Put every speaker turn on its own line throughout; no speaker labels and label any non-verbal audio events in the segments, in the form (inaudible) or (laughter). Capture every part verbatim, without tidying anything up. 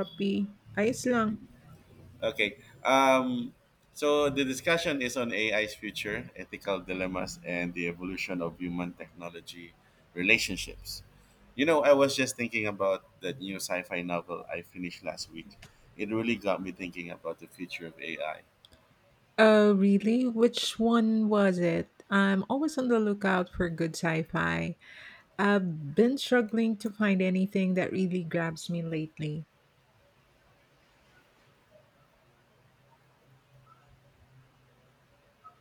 Happy. Ayos lang.
Okay. Um, so the discussion is on A I's future, ethical dilemmas, and the evolution of human technology relationships. You know, I was just thinking about that new sci fi novel I finished last week. It really got me thinking about the future of A I.
Oh, really? Which one was it? I'm always on the lookout for good sci-fi. I've been struggling to find anything that really grabs me lately.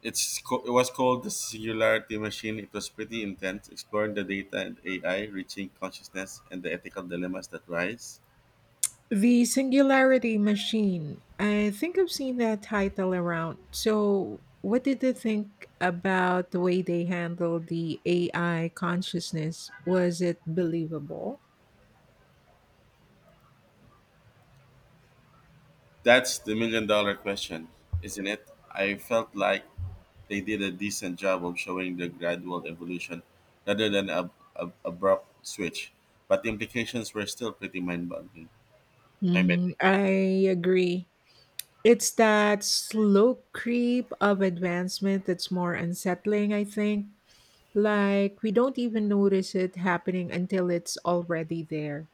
It's co- it was called The Singularity Machine. It was pretty intense, exploring the data and A I, reaching consciousness, and the ethical dilemmas that rise.
The Singularity Machine. I think I've seen that title around. So, what did you think about the way they handled the A I consciousness? Was it believable?
That's the million dollar question, isn't it? I felt like they did a decent job of showing the gradual evolution rather than a, a abrupt switch, but the implications were still pretty mind-boggling.
hmm
Mind-bending.
I agree. It's that slow creep of advancement that's more unsettling, I think. Like, we don't even notice it happening until it's already there.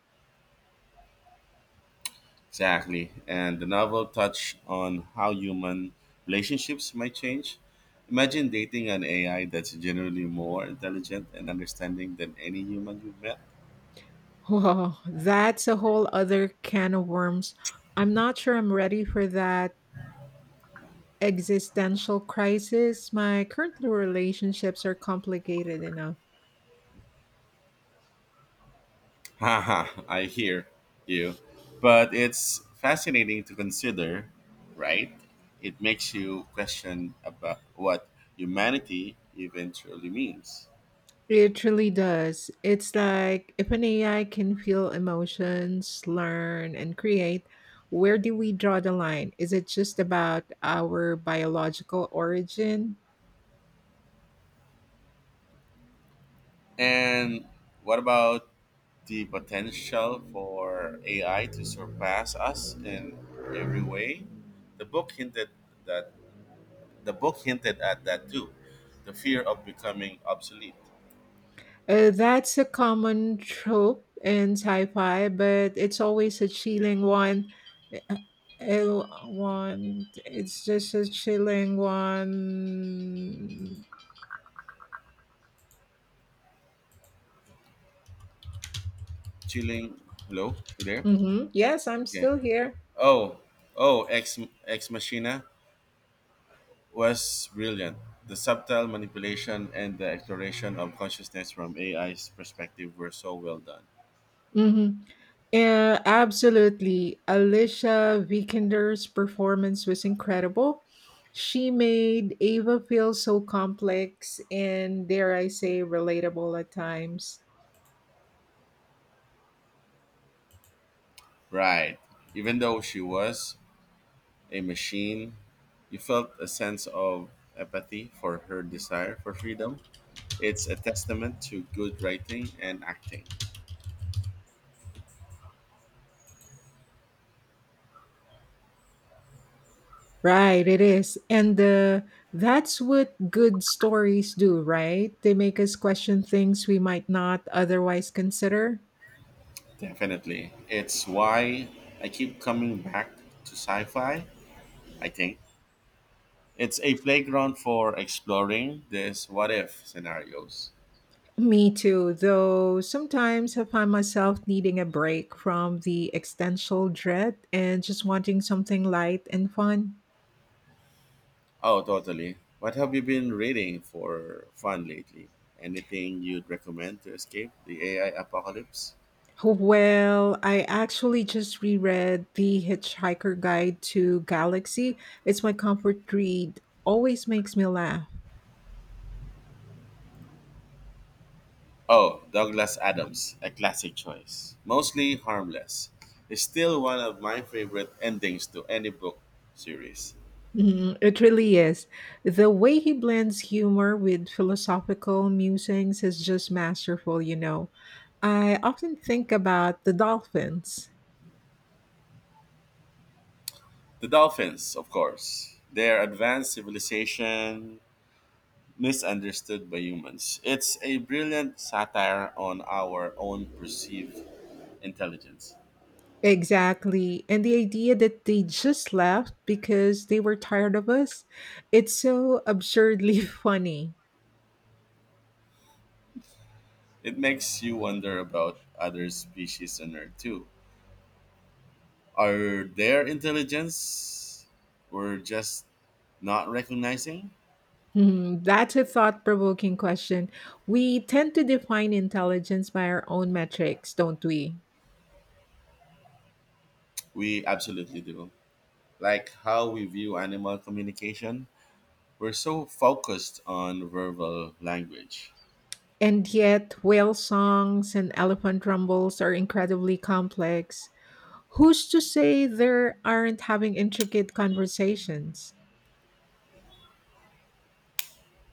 Exactly. And the novel touched on how human
(laughs)
relationships might change. Imagine dating an A I that's generally more intelligent and understanding than any human you've met.
Whoa, that's a whole other can of worms. I'm not sure I'm ready for that existential crisis. My current relationships are complicated enough.
Haha, I hear you. But it's fascinating to consider, right? It makes you question about what humanity eventually means.
It truly does. It's like if an A I can feel emotions, learn, and create, where do we draw the line? Is it just about our biological origin?
And what about the potential for A I to surpass us in every way? The book hinted that the book hinted at that too. The fear of becoming obsolete.
Uh, that's a common trope in sci fi, but it's always a chilling one. Uh, uh, one. It's just a chilling one.
Chilling. Hello, you there?
hmm Yes, I'm
Okay.
still here.
Oh, oh, Ex, Ex Machina was brilliant. The subtle manipulation and the exploration of consciousness from A I's perspective were so well done.
Mm-hmm. Yeah, absolutely. Alicia Vikander's performance was incredible. She made Ava feel so complex and, dare I say, relatable at times.
Right. Even though she was a machine, you felt a sense of empathy for her desire for freedom. It's a testament to good writing and acting.
Right, it is. And uh, that's what good stories do, right? They make us question things we might not otherwise consider.
Definitely. It's why I keep coming back to sci fi, I think. It's a playground for exploring these what if scenarios.
Me too, though sometimes I find myself needing a break from the existential dread and just wanting something light and fun.
Oh, totally. What have you been reading for fun lately? Anything you'd recommend to escape the A I apocalypse?
Well, I actually just reread The Hitchhiker Guide to Galaxy. It's my comfort read, always makes me laugh.
Oh, Douglas Adams, a classic choice. Mostly harmless. It's still one of my favorite endings to any book series.
Mhm, it really is. The way he blends humor with philosophical musings is just masterful, you know. I often think about the dolphins.
The dolphins, of course. Their advanced civilization misunderstood by humans. It's a brilliant satire on our own perceived intelligence.
Exactly. And the idea that they just left because they were tired of us, it's so absurdly (laughs) funny.
It makes you wonder about other species on Earth too. Are their intelligence we're just not recognizing?
Hmm, that's a thought provoking question. We tend to define intelligence by our own metrics, don't we?
We absolutely do. Like how we view animal communication, we're so focused on verbal language.
And yet, whale songs and elephant rumbles are incredibly complex. Who's to say there aren't having intricate conversations?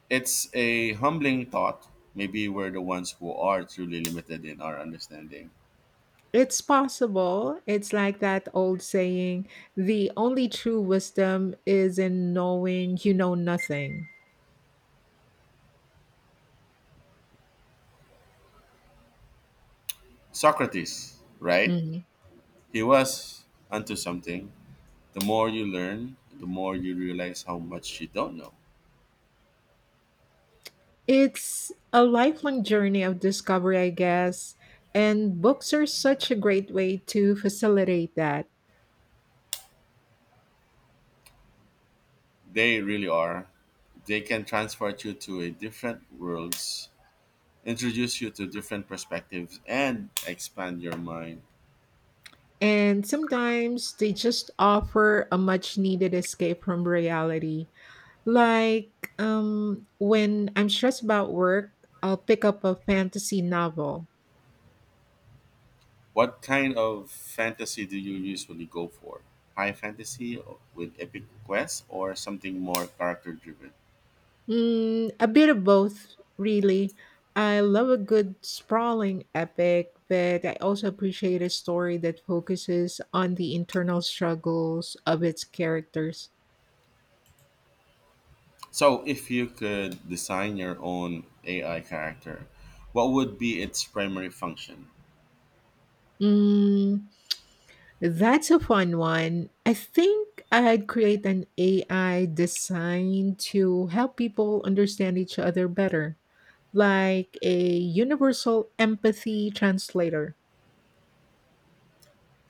It's a humbling thought. Maybe we're the ones who are truly limited in our understanding.
It's possible. It's like that old saying, the only true wisdom is in knowing you know nothing.
Socrates, right?
Mhm.
He was onto something. The more you learn, the more you realize how much you don't know.
It's a lifelong journey of discovery, I guess, and books are such a great way to facilitate that.
They really are. They can transport you to a different worlds, introduce you to different perspectives, and expand your mind.
And sometimes they just offer a much needed escape from reality. Like um, when I'm stressed about work, I'll pick up a fantasy novel.
What kind of fantasy do you usually go for? High fantasy with epic quests or something more character driven?
Mm, a bit of both, really. I love a good sprawling epic, but I also appreciate a story that focuses on the internal struggles of its characters.
So, if you could design your own A I character, what would be its primary function?
Mm, that's a fun one. I think I'd create an A I designed to help people understand each other better, like a universal empathy translator.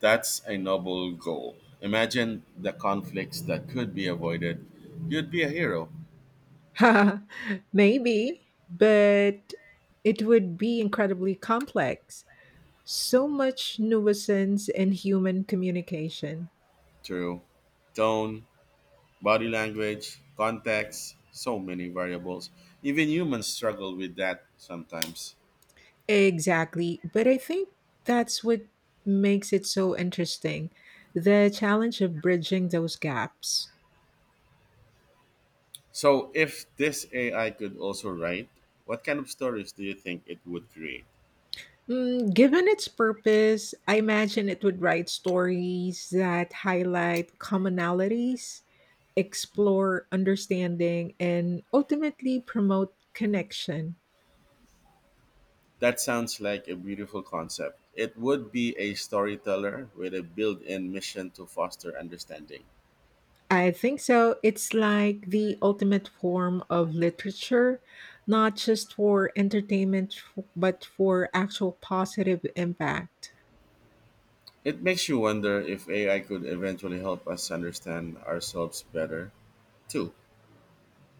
That's a noble goal. Imagine the conflicts that could be avoided. You'd be a hero
(laughs) Maybe, but it would be incredibly complex. So much nuisance in human communication.
through tone, body language, context, so many variables. Even humans struggle with that sometimes.
Exactly, but I think that's what makes it so interesting, the challenge of bridging those gaps.
So, if this A I could also write, what kind of stories do you think it would create?
Mm, given its purpose, I imagine it would write stories that highlight commonalities, explore understanding, and ultimately promote connection.
That sounds like a beautiful concept. It would be a storyteller with a built in mission to foster understanding.
I think so. It's like the ultimate form of literature, not just for entertainment, f- but for actual positive impact.
It makes you wonder if A I could eventually help us understand ourselves better, too.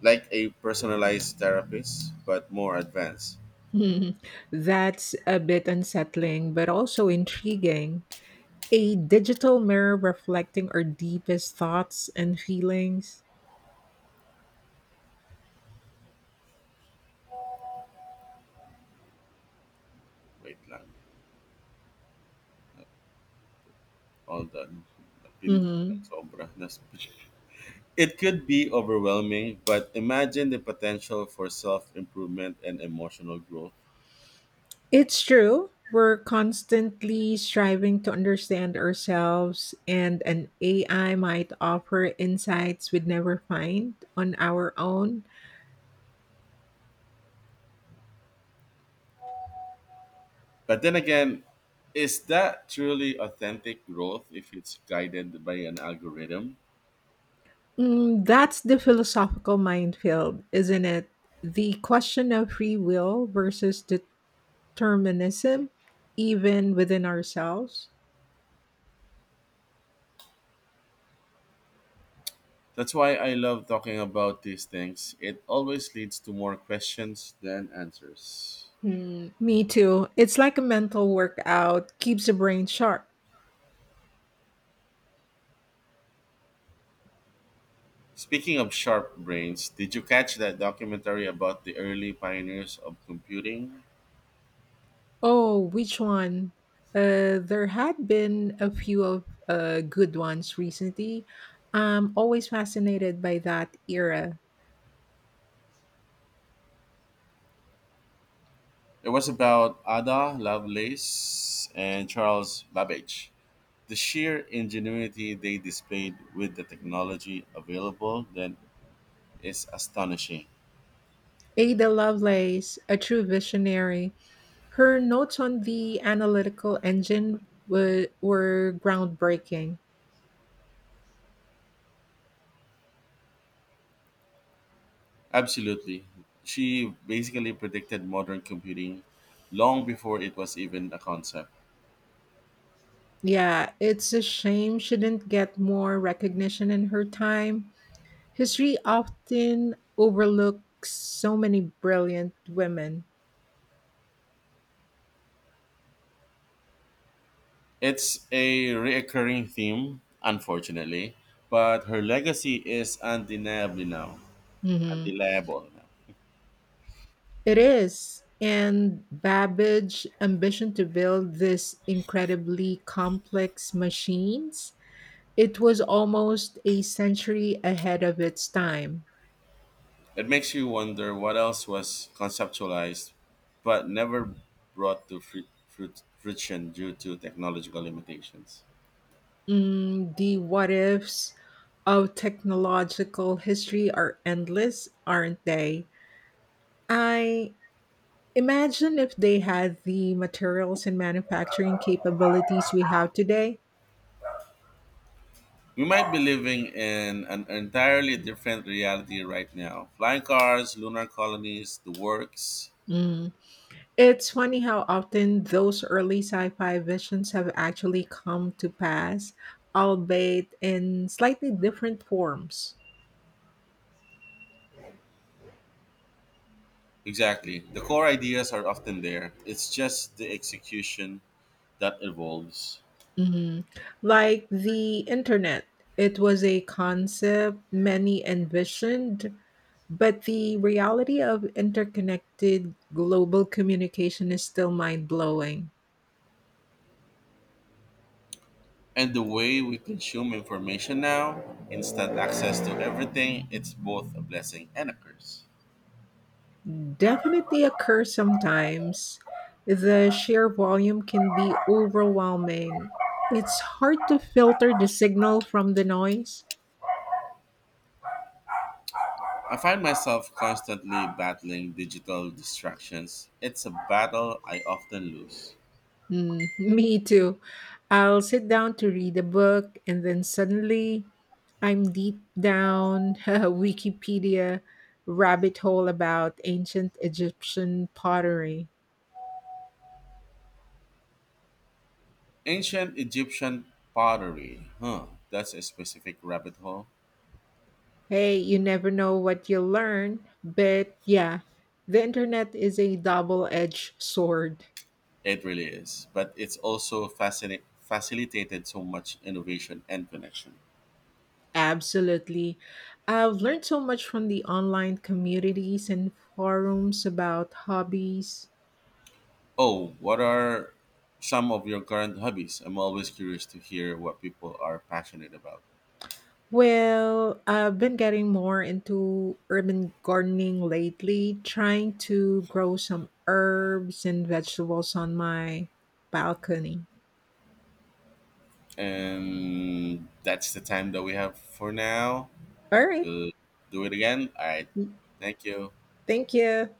Like a personalized therapist, but more advanced.
(laughs) That's a bit unsettling, but also intriguing. A digital mirror reflecting our deepest thoughts and feelings.
Wait lang. All done. Napindot ko lang
Mhm.
sobra. Nas- it could be overwhelming, but imagine the potential for self improvement and emotional growth.
It's true. We're constantly striving to understand ourselves, and an A I might offer insights we'd never find on our own.
But then again, is that truly authentic growth if it's guided by an algorithm?
Mm, that's the philosophical minefield, isn't it? The question of free will versus determinism, even within ourselves.
That's why I love talking about these things. It always leads to more questions than answers.
Hmm, me too. It's like a mental workout, keeps the brain sharp.
Speaking of sharp brains, did you catch that documentary about the early pioneers of computing?
Oh, which one? Uh, there had been a few of uh, good ones recently. I'm always fascinated by that era.
It was about Ada Lovelace and Charles Babbage. The sheer ingenuity they displayed with the technology available then is astonishing.
Ada Lovelace, a true visionary, her notes on the analytical engine wa- were groundbreaking.
Absolutely. She basically predicted modern computing long before it was even a concept.
Yeah, it's a shame she didn't get more recognition in her time. History often overlooks so many brilliant women.
It's a recurring theme, unfortunately, but her legacy is undeniably now,
hmm
undeniable now.
It is. And Babbage's ambition to build this incredibly complex machines, it was almost a century ahead of its time.
It makes you wonder what else was conceptualized but never brought to fru- fru- fruition due to technological limitations.
Mm, the what ifs of technological history are endless, aren't they? I Imagine if they had the materials and manufacturing capabilities we have today.
We might be living in an entirely different reality right now. Flying cars, lunar colonies, the works.
Mm. It's funny how often those early sci fi visions have actually come to pass, albeit in slightly different forms.
Exactly. The core ideas are often there. It's just the execution that evolves.
Mhm. Like the internet, it was a concept many envisioned, but the reality of interconnected global communication is still mind blowing.
And the way we consume information now, instant access to everything, it's both a blessing and a curse.
Definitely occur sometimes. The sheer volume can be overwhelming. It's hard to filter the signal from the noise.
I find myself constantly battling digital distractions. It's a battle I often lose.
Mm, (laughs) me too. I'll sit down to read a book and then suddenly I'm deep down (laughs) a Wikipedia rabbit hole about ancient Egyptian pottery.
Ancient Egyptian pottery. Huh. That's a specific rabbit hole.
Hey, you never know what you'll learn, but yeah, the internet is a double edged sword.
It really is. But it's also fascinate, facilitated so much innovation and connection.
Absolutely. I've learned so much from the online communities and forums about hobbies.
Oh, what are some of your current hobbies? I'm always curious to hear what people are passionate about.
Well, I've been getting more into urban gardening lately, trying to grow some herbs and vegetables on my balcony.
And that's the time that we have for now.
All right.
We'll do it again. All right. Thank you.
Thank you.